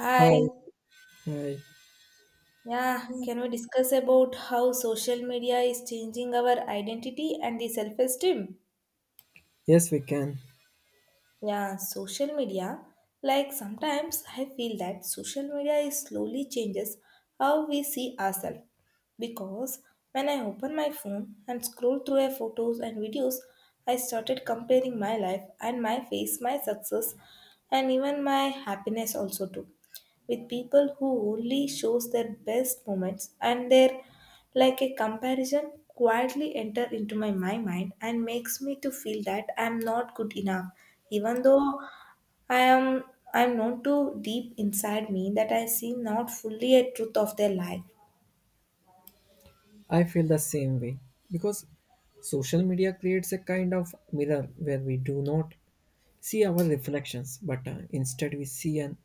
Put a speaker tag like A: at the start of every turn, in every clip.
A: Hi,
B: Hi, hi.
A: yeah, can we discuss about how social media is changing our identity and the self esteem?
B: Yes, we can.
A: Yeah, social media, like sometimes I feel that social media is slowly changes how we see ourselves, because when I open my phone and scroll through my photos and videos, I started comparing my life and my face, my success, and even my happiness also too, with people who only shows their best moments. And they're like a comparison quietly enter into my mind and makes me to feel that I'm not good enough, even though I am. I'm not too deep inside me that I see not fully a truth of their life.
B: I feel the same way because social media creates a kind of mirror where we do not see our reflections, but instead we see an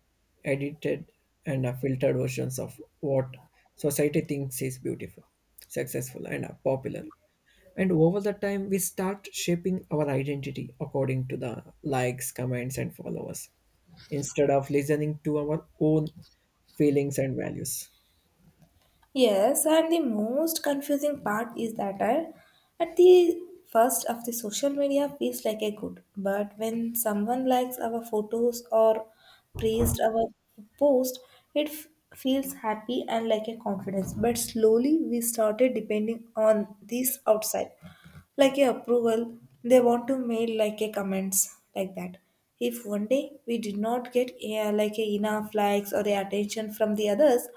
B: edited and filtered versions of what society thinks is beautiful, successful, and popular. And over the time, we start shaping our identity according to the likes, comments, and followers instead of listening to our own feelings and values.
A: Yes, and the most confusing part is that at the first of the social media feels like a good, but when someone likes our photos or praised our post, it feels happy and like a confidence. But slowly we started depending on this outside like a approval. They want to mail like a comments like that. If one day we did not get, yeah, like a enough likes or the attention from the others,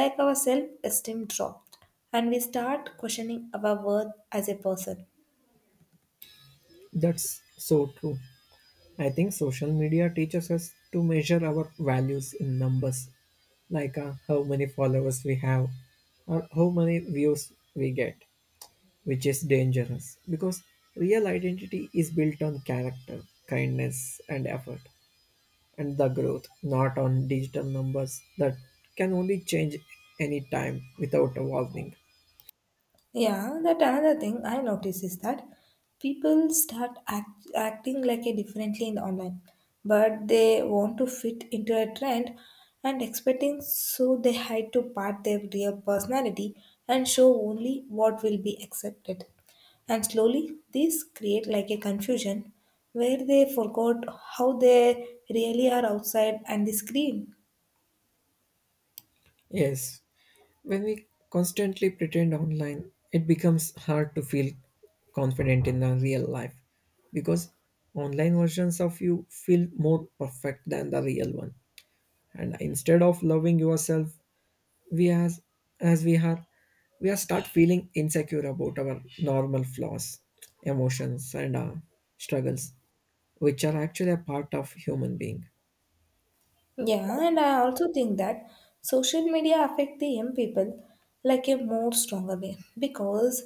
A: like our self esteem dropped and we start questioning our worth as a person.
B: That's so true. I think social media teaches us to measure our values in numbers, like how many followers we have or how many views we get, which is dangerous because real identity is built on character, kindness, and effort, and the growth, not on digital numbers that can only change any time without a warning.
A: Yeah, that another thing I notice is that people start acting like a differently in online, but they want to fit into a trend and expecting, so they hide to part their real personality and show only what will be accepted. And slowly these create like a confusion where they forgot how they really are outside and the screen.
B: Yes, when we constantly pretend online, it becomes hard to feel confident in the real life because online versions of you feel more perfect than the real one. And instead of loving yourself, we as we are, start feeling insecure about our normal flaws, emotions, and struggles, which are actually a part of human being.
A: Yeah, and I also think that social media affect the young people like a more stronger way, because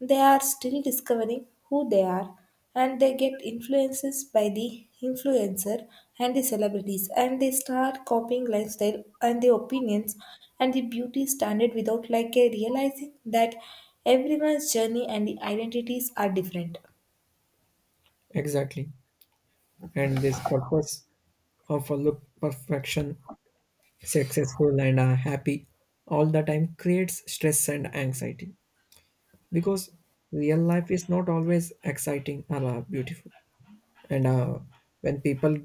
A: they are still discovering who they are, and they get influences by the influencer and the celebrities, and they start copying lifestyle and the opinions and the beauty standard without like a realizing that everyone's journey and the identities are different.
B: Exactly, and this purpose of a look perfection successful and happy all the time creates stress and anxiety because real life is not always exciting or beautiful, and when people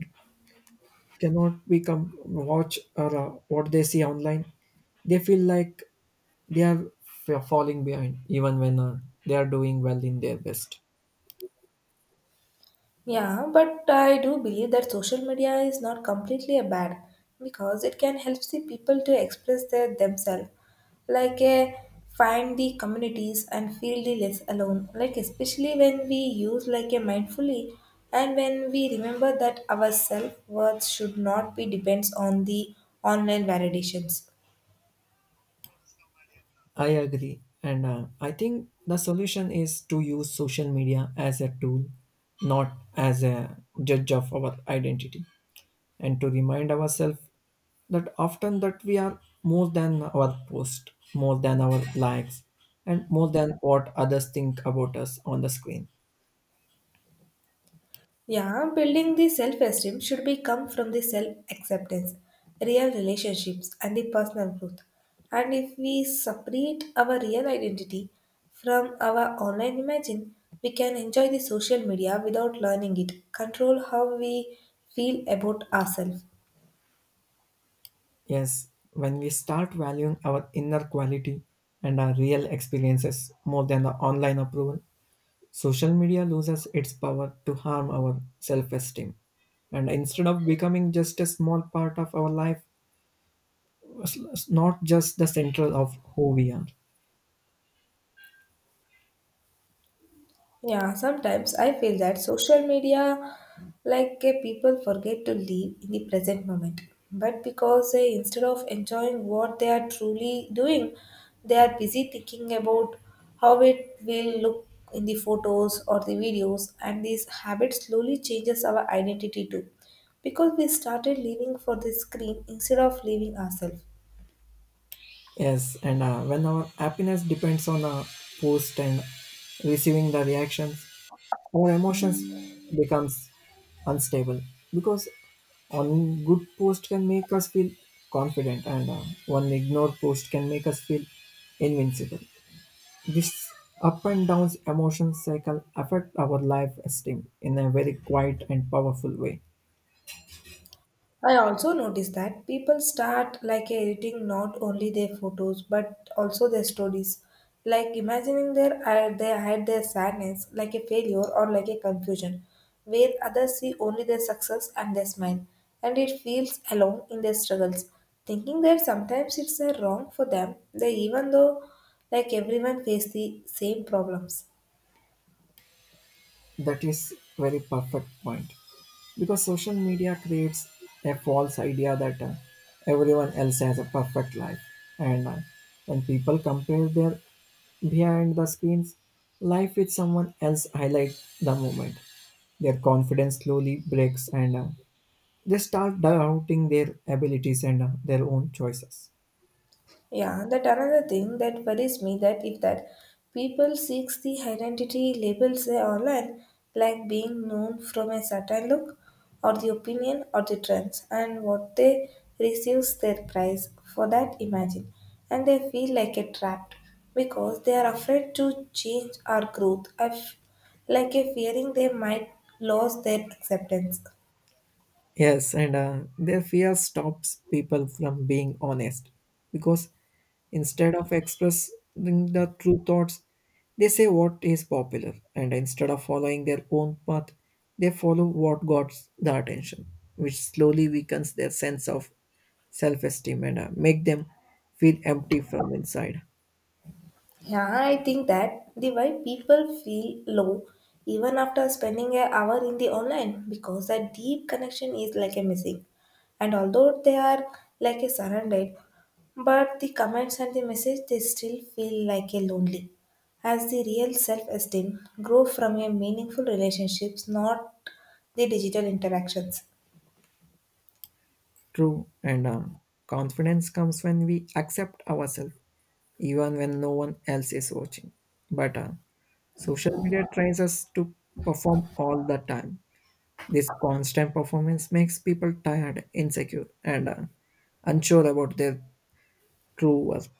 B: cannot become watch or what they see online, they feel like they are falling behind even when they are doing well in their best.
A: Yeah, but I do believe that social media is not completely a bad, because it can help the people to express their themselves, like find the communities and feel the less alone. Like especially when we use like a mindfully and when we remember that our self worth should not be depends on the online validations.
B: I agree, and I think the solution is to use social media as a tool, not as a judge of our identity, and to remind ourselves that often that we are more than our post, more than our likes, and more than what others think about us on the screen.
A: Yeah, building the self esteem should be come from the self acceptance, real relationships, and the personal growth. And if we separate our real identity from our online imagine, we can enjoy the social media without learning it, control how we feel about ourselves.
B: Yes, when we start valuing our inner quality and our real experiences more than the online approval, social media loses its power to harm our self-esteem, and instead of becoming just a small part of our life, it's not just the central of who we are.
A: Yeah, sometimes I feel that social media, like people forget to live in the present moment. But because instead of enjoying what they are truly doing, they are busy thinking about how it will look in the photos or the videos, and this habit slowly changes our identity too. Because we started living for the screen instead of living ourselves.
B: Yes, and when our happiness depends on a post and receiving the reactions, our emotions becomes unstable because one good post can make us feel confident and one ignored post can make us feel invincible. This up and downs emotion cycle affect our life esteem in a very quiet and powerful way.
A: I also noticed that people start like editing not only their photos but also their stories, like imagining their they hide their sadness like a failure or like a confusion, where others see only their success and their smile, and it feels alone in their struggles, thinking that sometimes it's wrong for them, they even though like everyone face the same problems.
B: That is very perfect point because social media creates a false idea that everyone else has a perfect life, and when people compare their behind the screens life with someone else highlight the moment, their confidence slowly breaks and they start doubting their abilities and their own choices.
A: Yeah, that another thing that worries me that if that people seeks the identity labels they online, like being known from a certain look or the opinion or the trends, and what they receives their price for that imagine, and they feel like a trapped because they are afraid to change or growth, like a fearing they might lose their acceptance.
B: Yes, and their fear stops people from being honest because instead of expressing the true thoughts, they say what is popular, and instead of following their own path, they follow what got the attention, which slowly weakens their sense of self esteem and make them feel empty from inside.
A: Yeah, I think that the why people feel low even after spending an hour in the online, because that deep connection is like a missing. And although they are like a surrounded, but the comments and the message they still feel like a lonely. As the real self-esteem grow from a meaningful relationships, not the digital interactions.
B: True, and confidence comes when we accept ourselves, even when no one else is watching. But social media tries us to perform all the time. This constant performance makes people tired, insecure, and unsure about their true worth.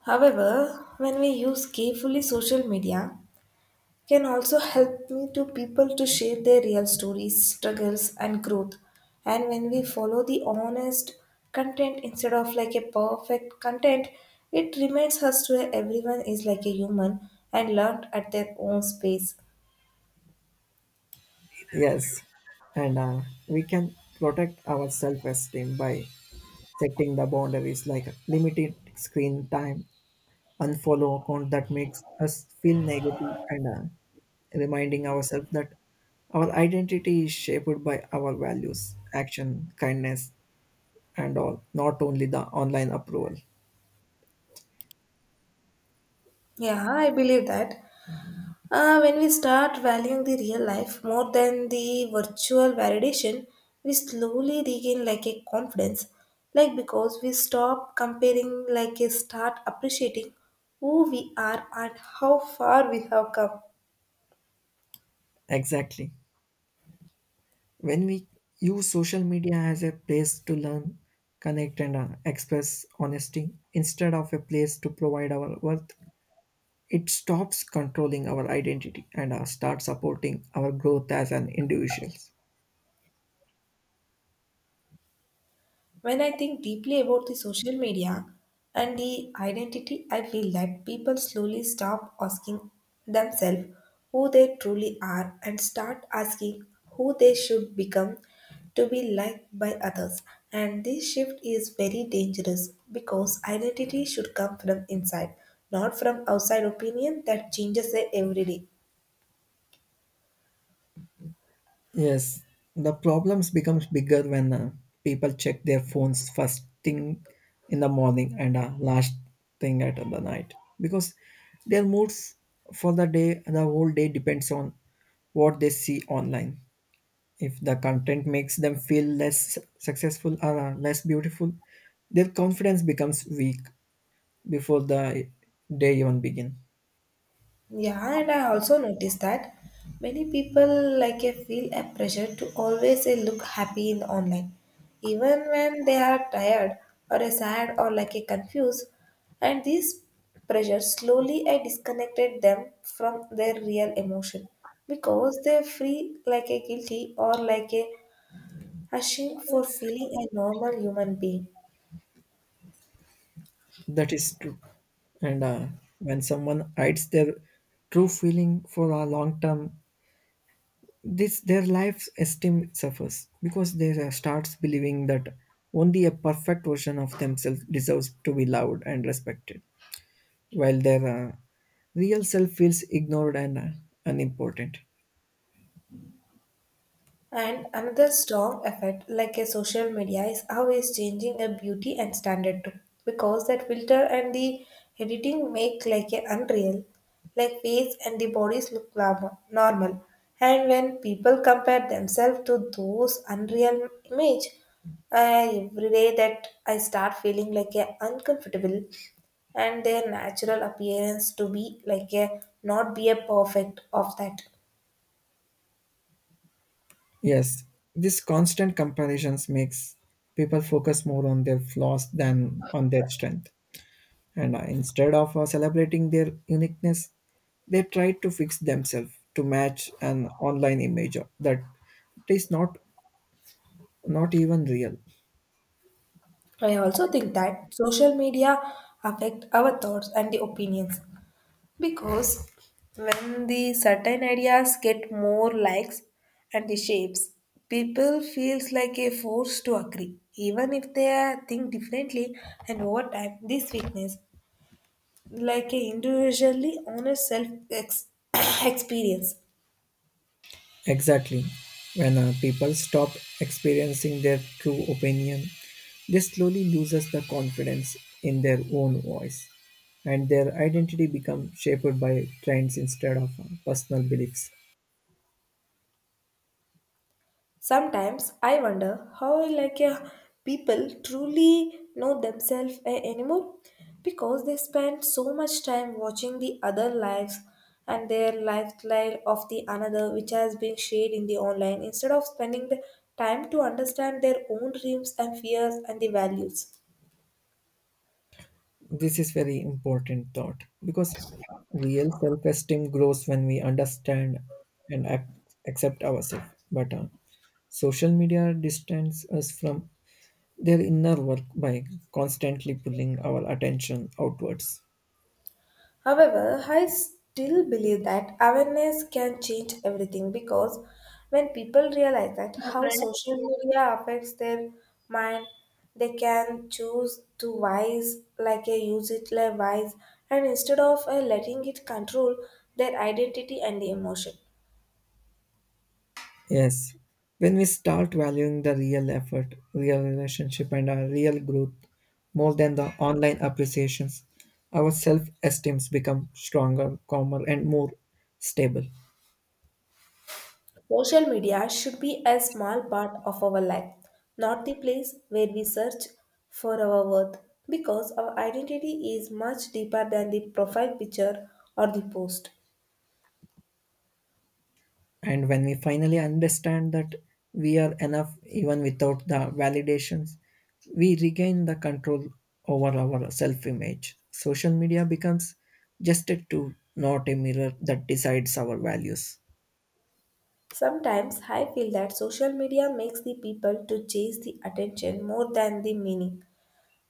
A: However, when we use carefully social media, can also help me to people to share their real stories, struggles and growth. And when we follow the honest content instead of like a perfect content, it reminds us to everyone is like a human and learned at their own space.
B: Yes, and we can protect our self esteem by setting the boundaries like limited screen time, unfollow account that makes us feel negative, and reminding ourselves that our identity is shaped by our values, action, kindness, and all, not only the online approval.
A: Yeah, I believe that. When we start valuing the real life more than the virtual validation, we slowly regain like a confidence, like because we stop comparing, like a start appreciating who we are and how far we have come.
B: Exactly. When we use social media as a place to learn, connect, and express honesty instead of a place to provide our worth, it stops controlling our identity and starts supporting our growth as an individuals.
A: When I think deeply about the social media and the identity, I feel that people slowly stop asking themselves who they truly are and start asking who they should become to be liked by others. And this shift is very dangerous because identity should come from inside, not from outside opinion that changes it every day.
B: Yes, the problems becomes bigger when people check their phones first thing in the morning and last thing at the night because their moods for the day the whole day depends on what they see online. If the content makes them feel less successful or less beautiful, their confidence becomes weak before the day even begin.
A: Yeah, and I also noticed that many people like I feel a pressure to always look happy in online, even when they are tired or sad or like a confused. And this pressure slowly I disconnected them from their real emotion because they feel like a guilty or like a ashamed for feeling a normal human being.
B: That is true. And when someone hides their true feeling for a long term, this their life esteem suffers because they starts believing that only a perfect version of themselves deserves to be loved and respected, while their real self feels ignored and unimportant.
A: And another strong effect, like a social media, is how it's changing a beauty and standard too. Because that filter and the editing make like a unreal, like face and the bodies look normal. And when people compare themselves to those unreal image, every day that I start feeling like a uncomfortable and their natural appearance to be like a not be a perfect of that.
B: Yes, this constant comparisons makes people focus more on their flaws than on their strength. And instead of celebrating their uniqueness, they try to fix themselves to match an online image that is not even real.
A: I also think that social media affect our thoughts and the opinions, because when the certain ideas get more likes and the shapes, people feels like a force to agree, even if they are think differently. And over time, this weakness, like a individually honest self experience.
B: Exactly. When people stop experiencing their true opinion, they slowly loses the confidence in their own voice, and their identity becomes shaped by trends instead of personal beliefs.
A: Sometimes I wonder how like people truly know themselves anymore, because they spend so much time watching the other lives and their lifestyle of the another which has been shared in the online instead of spending the time to understand their own dreams and fears and the values.
B: This is very important thought because real self-esteem grows when we understand and accept ourselves. But social media distances us from their inner work by constantly pulling our attention outwards.
A: However, I still believe that awareness can change everything, because when people realize that how social media affects their mind, they can choose to wise like a use it like wise, and instead of letting it control their identity and emotion.
B: Yes, when we start valuing the real effort, real relationship, and our real growth more than the online appreciations, our self-esteems become stronger, calmer, and more stable.
A: Social media should be a small part of our life, not the place where we search for our worth, because our identity is much deeper than the profile picture or the post.
B: And when we finally understand that we are enough even without the validations, we regain the control over our self image. Social media becomes just a tool, not a mirror that decides our values.
A: Sometimes I feel that social media makes the people to chase the attention more than the meaning.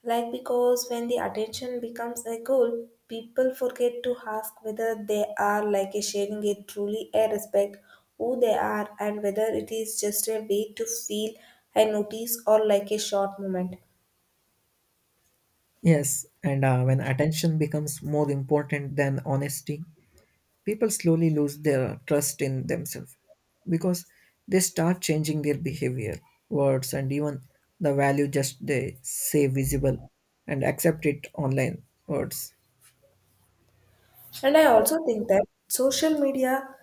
A: Like, because when the attention becomes a goal, people forget to ask whether they are like a sharing it truly a respect who they are, and whether it is just a way to feel a notice or like a short moment.
B: Yes, and when attention becomes more important than honesty, people slowly lose their trust in themselves because they start changing their behavior, words, and even the value just they say visible and accept it online words.
A: And I also think that social media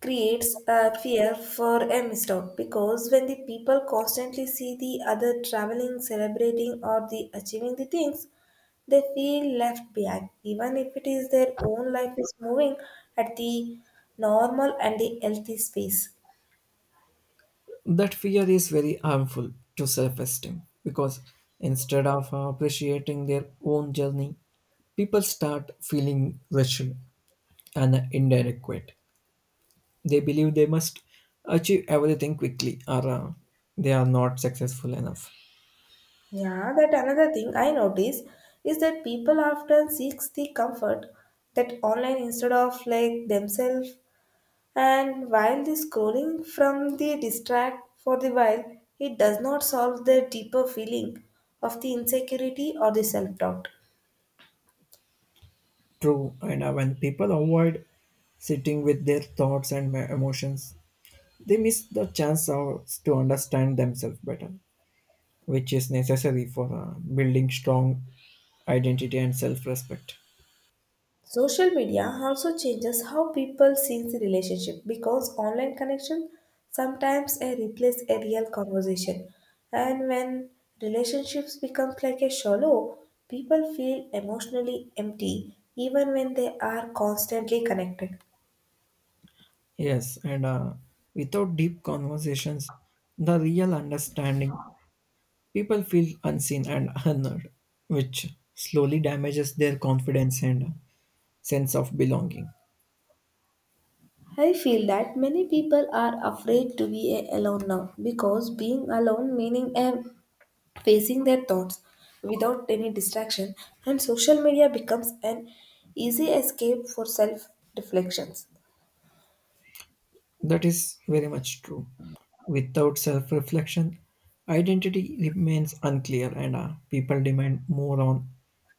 A: creates a fear for a mistake, because when the people constantly see the other traveling, celebrating, or the achieving the things, they feel left behind, even if it is their own life is moving at the normal and the healthy space.
B: That fear is very harmful to self esteem because instead of appreciating their own journey, people start feeling rushed and inadequate. They believe they must achieve everything quickly or they are not successful enough.
A: Yeah, that another thing I notice is that people often seek the comfort that online instead of like themselves. And while the scrolling from the distract for the while, it does not solve the deeper feeling of the insecurity or the self-doubt.
B: True, and when people avoid sitting with their thoughts and emotions, they miss the chance to understand themselves better, which is necessary for building strong identity and self respect.
A: Social media also changes how people see the relationship, because online connection sometimes replace a real conversation. And when relationships become like a shallow, people feel emotionally empty even when they are constantly connected.
B: Yes, and without deep conversations, the real understanding, people feel unseen and unheard, which slowly damages their confidence and sense of belonging.
A: I feel that many people are afraid to be alone now, because being alone meaning facing their thoughts without any distraction, and social media becomes an easy escape for self reflections.
B: That is very much true. Without self reflection, identity remains unclear, and people demand more on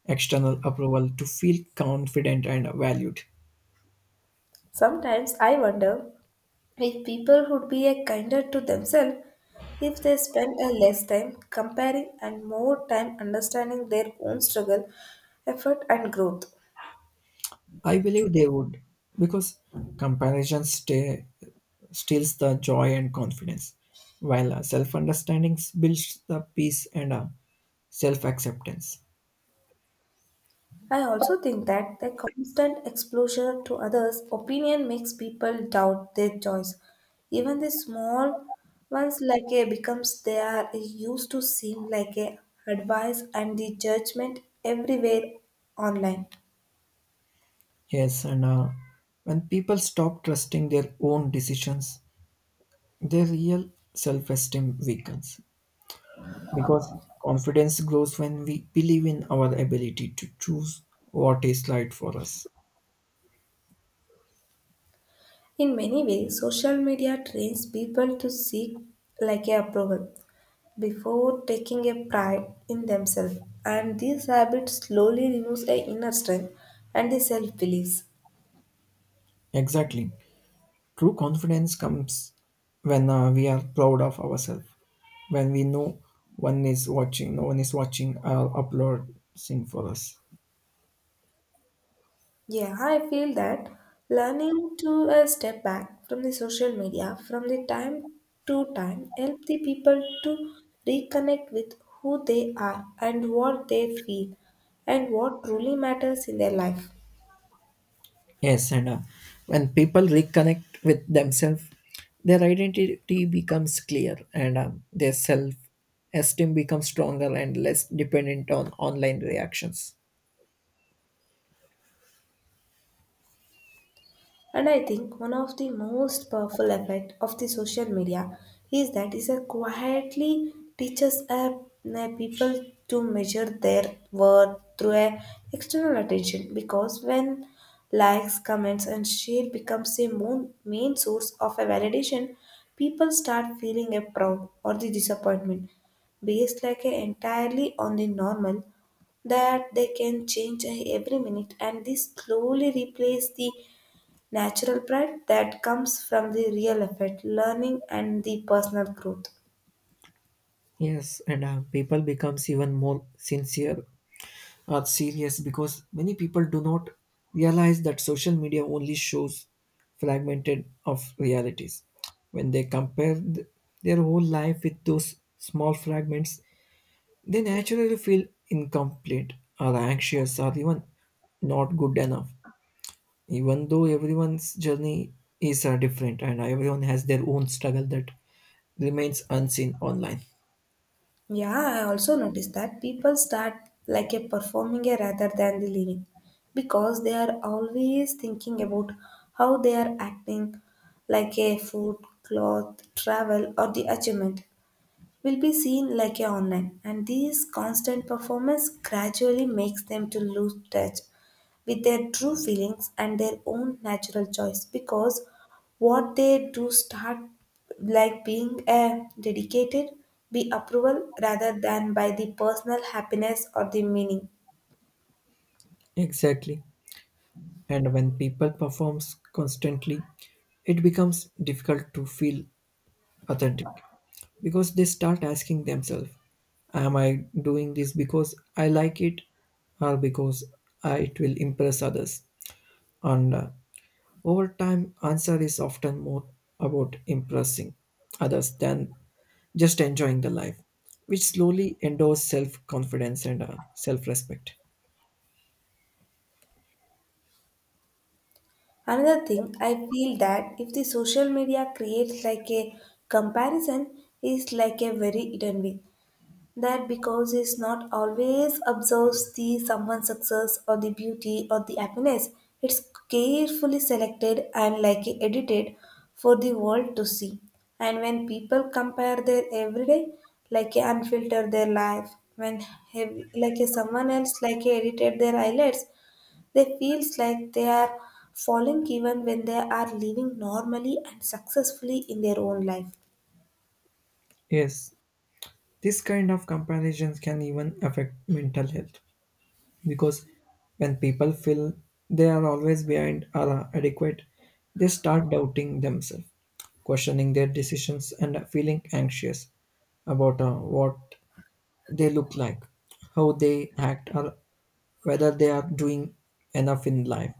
B: external approval to feel confident and valued.
A: Sometimes I wonder if people would be a kinder to themselves if they spend a less time comparing and more time understanding their own struggle, effort and growth.
B: I believe they would, because comparison stay, steals the joy and confidence, while self understanding builds the peace and self acceptance.
A: I also think that the constant exposure to others' opinion makes people doubt their choice. Even the small ones like a becomes they are used to seem like a advice and the judgment everywhere online.
B: Yes, and when people stop trusting their own decisions, their real self esteem weakens because confidence grows when we believe in our ability to choose what is right for us.
A: In many ways, social media trains people to seek like a approval before taking a pride in themselves, and these habits slowly removes a inner strength and the self belief.
B: Exactly. True confidence comes when we are proud of ourselves, when we know no one is watching or uploading for us.
A: Yeah, I feel that learning to step back from the social media from the time to time help the people to reconnect with who they are and what they feel and what truly matters in their life.
B: Yes, and when people reconnect with themselves, their identity becomes clear, and their self esteem becomes stronger and less dependent on online reactions.
A: And I think one of the most powerful effect of the social media is that it quietly teaches people to measure their worth through a external attention because when likes, comments and share becomes a main source of a validation, people start feeling a proud or the disappointment based like a entirely on the normal that they can change every minute, and this slowly replace the natural pride that comes from the real effort, learning, and the personal growth.
B: Yes, and people becomes even more sincere or serious because many people do not realize that social media only shows fragmented of realities. When they compare their whole life with those small fragments, they naturally feel incomplete or anxious or even not good enough. Even though everyone's journey is different and everyone has their own struggle that remains unseen online.
A: Yeah, I also noticed that people start like a performing a rather than the living because they are always thinking about how they are acting, like a food, cloth, travel, or the achievement will be seen like a online, and this constant performance gradually makes them to lose touch with their true feelings and their own natural choice because what they do start like being a dedicated be approval rather than by the personal happiness or the meaning.
B: Exactly. And when people performs constantly, it becomes difficult to feel authentic because they start asking themselves, am I doing this because I like it or because it will impress others? And over time, answer is often more about impressing others than just enjoying the life, which slowly endures self confidence and self respect.
A: Another thing I feel that if the social media creates like a comparison is like a very hidden way. That because it's not always observes the someone's success or the beauty or the happiness. It's carefully selected and like edited for the world to see. And when people compare their everyday, like a unfiltered their life, when have, like a someone else like a edited their eyelids, they feels like they are falling even when they are living normally and successfully in their own life.
B: Yes, this kind of comparisons can even affect mental health because when people feel they are always behind or adequate, they start doubting themselves, questioning their decisions, and feeling anxious about what they look like, how they act, or whether they are doing enough in life.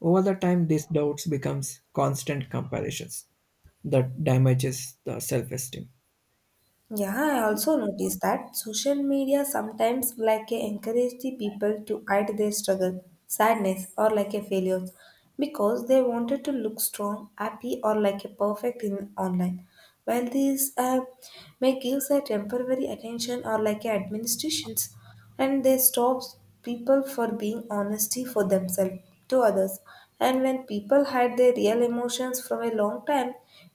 B: Over the time, these doubts becomes constant comparisons that damages the self-esteem.
A: Yeah, I also noticed that social media sometimes like a encourage the people to hide their struggle, sadness or like a failure because they wanted to look strong, happy or like a perfect in online. While these may give a temporary attention or like a administrations, and they stops people for being honesty for themselves to others. And when people hide their real emotions from a long time,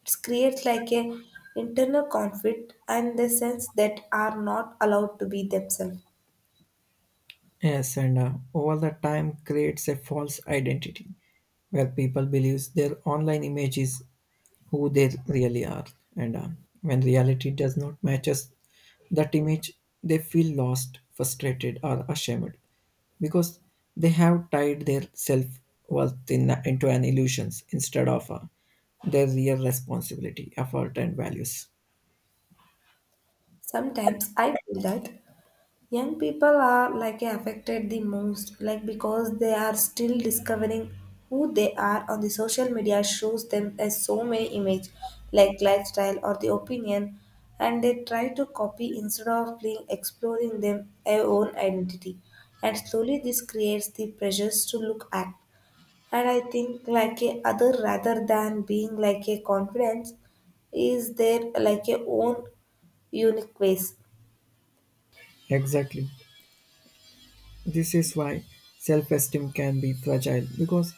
A: it creates like a internal conflict and the sense that are not allowed to be themselves.
B: Yes, and over the time creates a false identity where people believes their online image is who they really are. And when reality does not matches that image, they feel lost, frustrated, or ashamed because they have tied their self worth into an illusions instead of their real responsibility, effort, and values.
A: Sometimes I feel that young people are like affected the most like because they are still discovering who they are on the social media shows them as so many image like lifestyle or the opinion, and they try to copy instead of being exploring them their own identity. And slowly this creates the pressures to look at, and I think like a other rather than being like a confidence is their like a own unique ways.
B: Exactly. This is why self esteem can be fragile because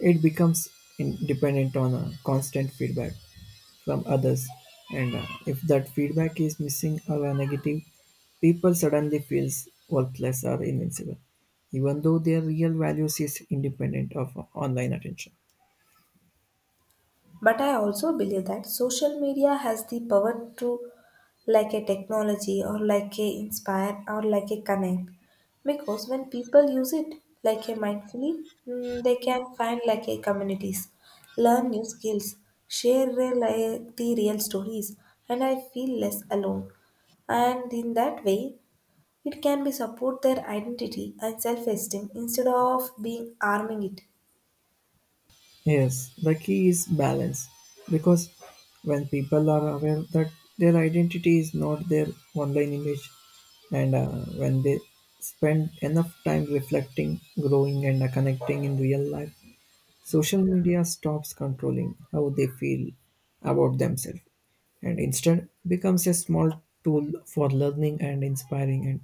B: it becomes dependent on a constant feedback from others. And if that feedback is missing or negative, people suddenly feels worthless or invincible, even though their real values is independent of online attention.
A: But I also believe that social media has the power to, like a technology or like a inspire or like a connect. Because when people use it like a mindfully, mm, they can find like a communities, learn new skills, share real like the real stories, and I feel less alone. And in that way, it can be support their identity and self-esteem instead of being arming it.
B: Yes, the key is balance because when people are aware that their identity is not their online image, and when they spend enough time reflecting, growing, and connecting in real life, social media stops controlling how they feel about themselves and instead becomes a small tool for learning and inspiring and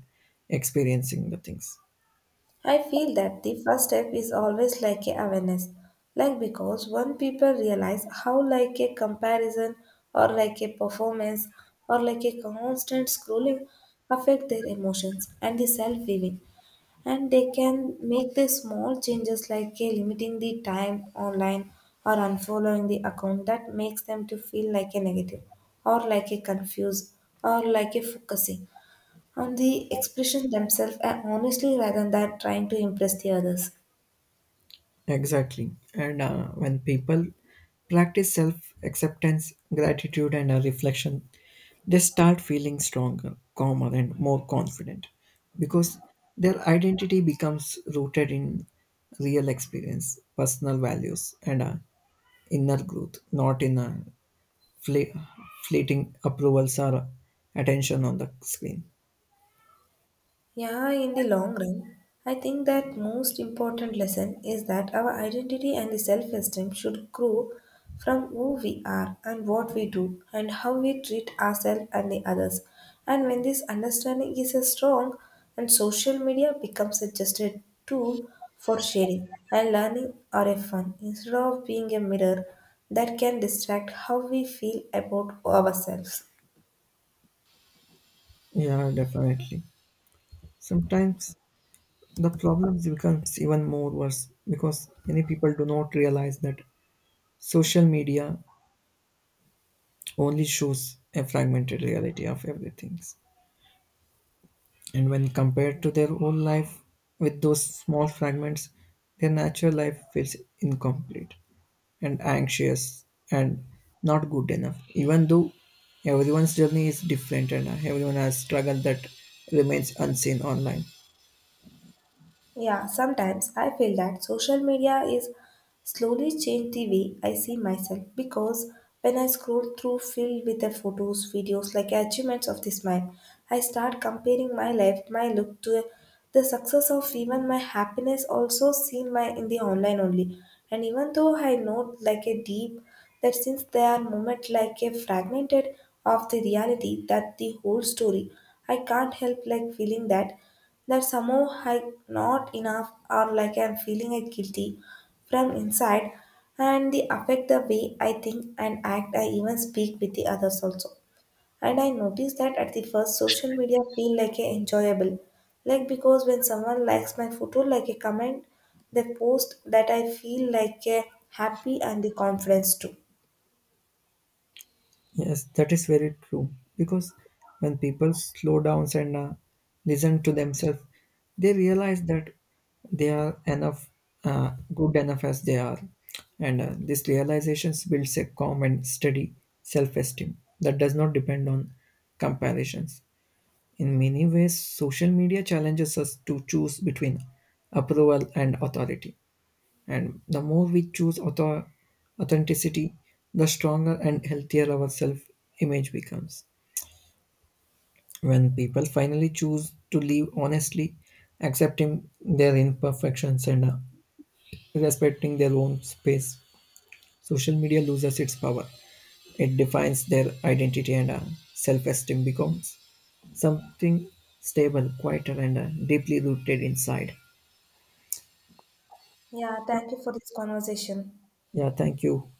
B: experiencing the things.
A: I feel that the first step is always like a awareness, like because when people realize how like a comparison or like a performance or like a constant scrolling affect their emotions and the self-feeling, and they can make the small changes like a limiting the time online or unfollowing the account that makes them to feel like a negative or like a confused or like a focusing and the expression themselves honestly rather than trying to impress the others.
B: Exactly. And when people practice self acceptance, gratitude, and reflection, they start feeling stronger, calmer, and more confident because their identity becomes rooted in real experience, personal values, and inner growth, not in fle- fleeting approvals or attention on the screen.
A: Yeah, in the long run, I think that most important lesson is that our identity and the self-esteem should grow from who we are and what we do and how we treat ourselves and the others. And when this understanding is a strong and social media becomes a just a tool for sharing and learning or a fun instead of being a mirror that can distract how we feel about ourselves.
B: Yeah, definitely. Sometimes the problem becomes even more worse because many people do not realize that social media only shows a fragmented reality of everything. And when compared to their whole life with those small fragments, their natural life feels incomplete and anxious and not good enough. Even though everyone's journey is different and everyone has struggled that remains unseen online.
A: Yeah, sometimes I feel that social media is slowly changed the way I see myself because when I scroll through filled with the photos, videos like achievements of this man, I start comparing my life, my look to the success of even my happiness also seen my in the online only. And even though I know like a deep that since they are moment like a fragmented of the reality that the whole story, I can't help like feeling that that somehow I not enough or like I'm feeling it guilty from inside, and they affect the way I think and act. I even speak with the others also. And I noticed that at the first social media feel like a enjoyable. Like because when someone likes my photo like a comment, they post that I feel like a happy and the confidence too.
B: Yes, that is very true. Because when people slow down and listen to themselves, they realize that they are enough, good enough as they are. And this realization builds a calm and steady self esteem that does not depend on comparisons. In many ways, social media challenges us to choose between approval and authority. And the more we choose authenticity, the stronger and healthier our self image becomes. When people finally choose to live honestly, accepting their imperfections and respecting their own space, social media loses its power. It defines their identity, and self esteem becomes something stable, quieter, and deeply rooted inside.
A: Yeah, thank you for this conversation.
B: Yeah, thank you.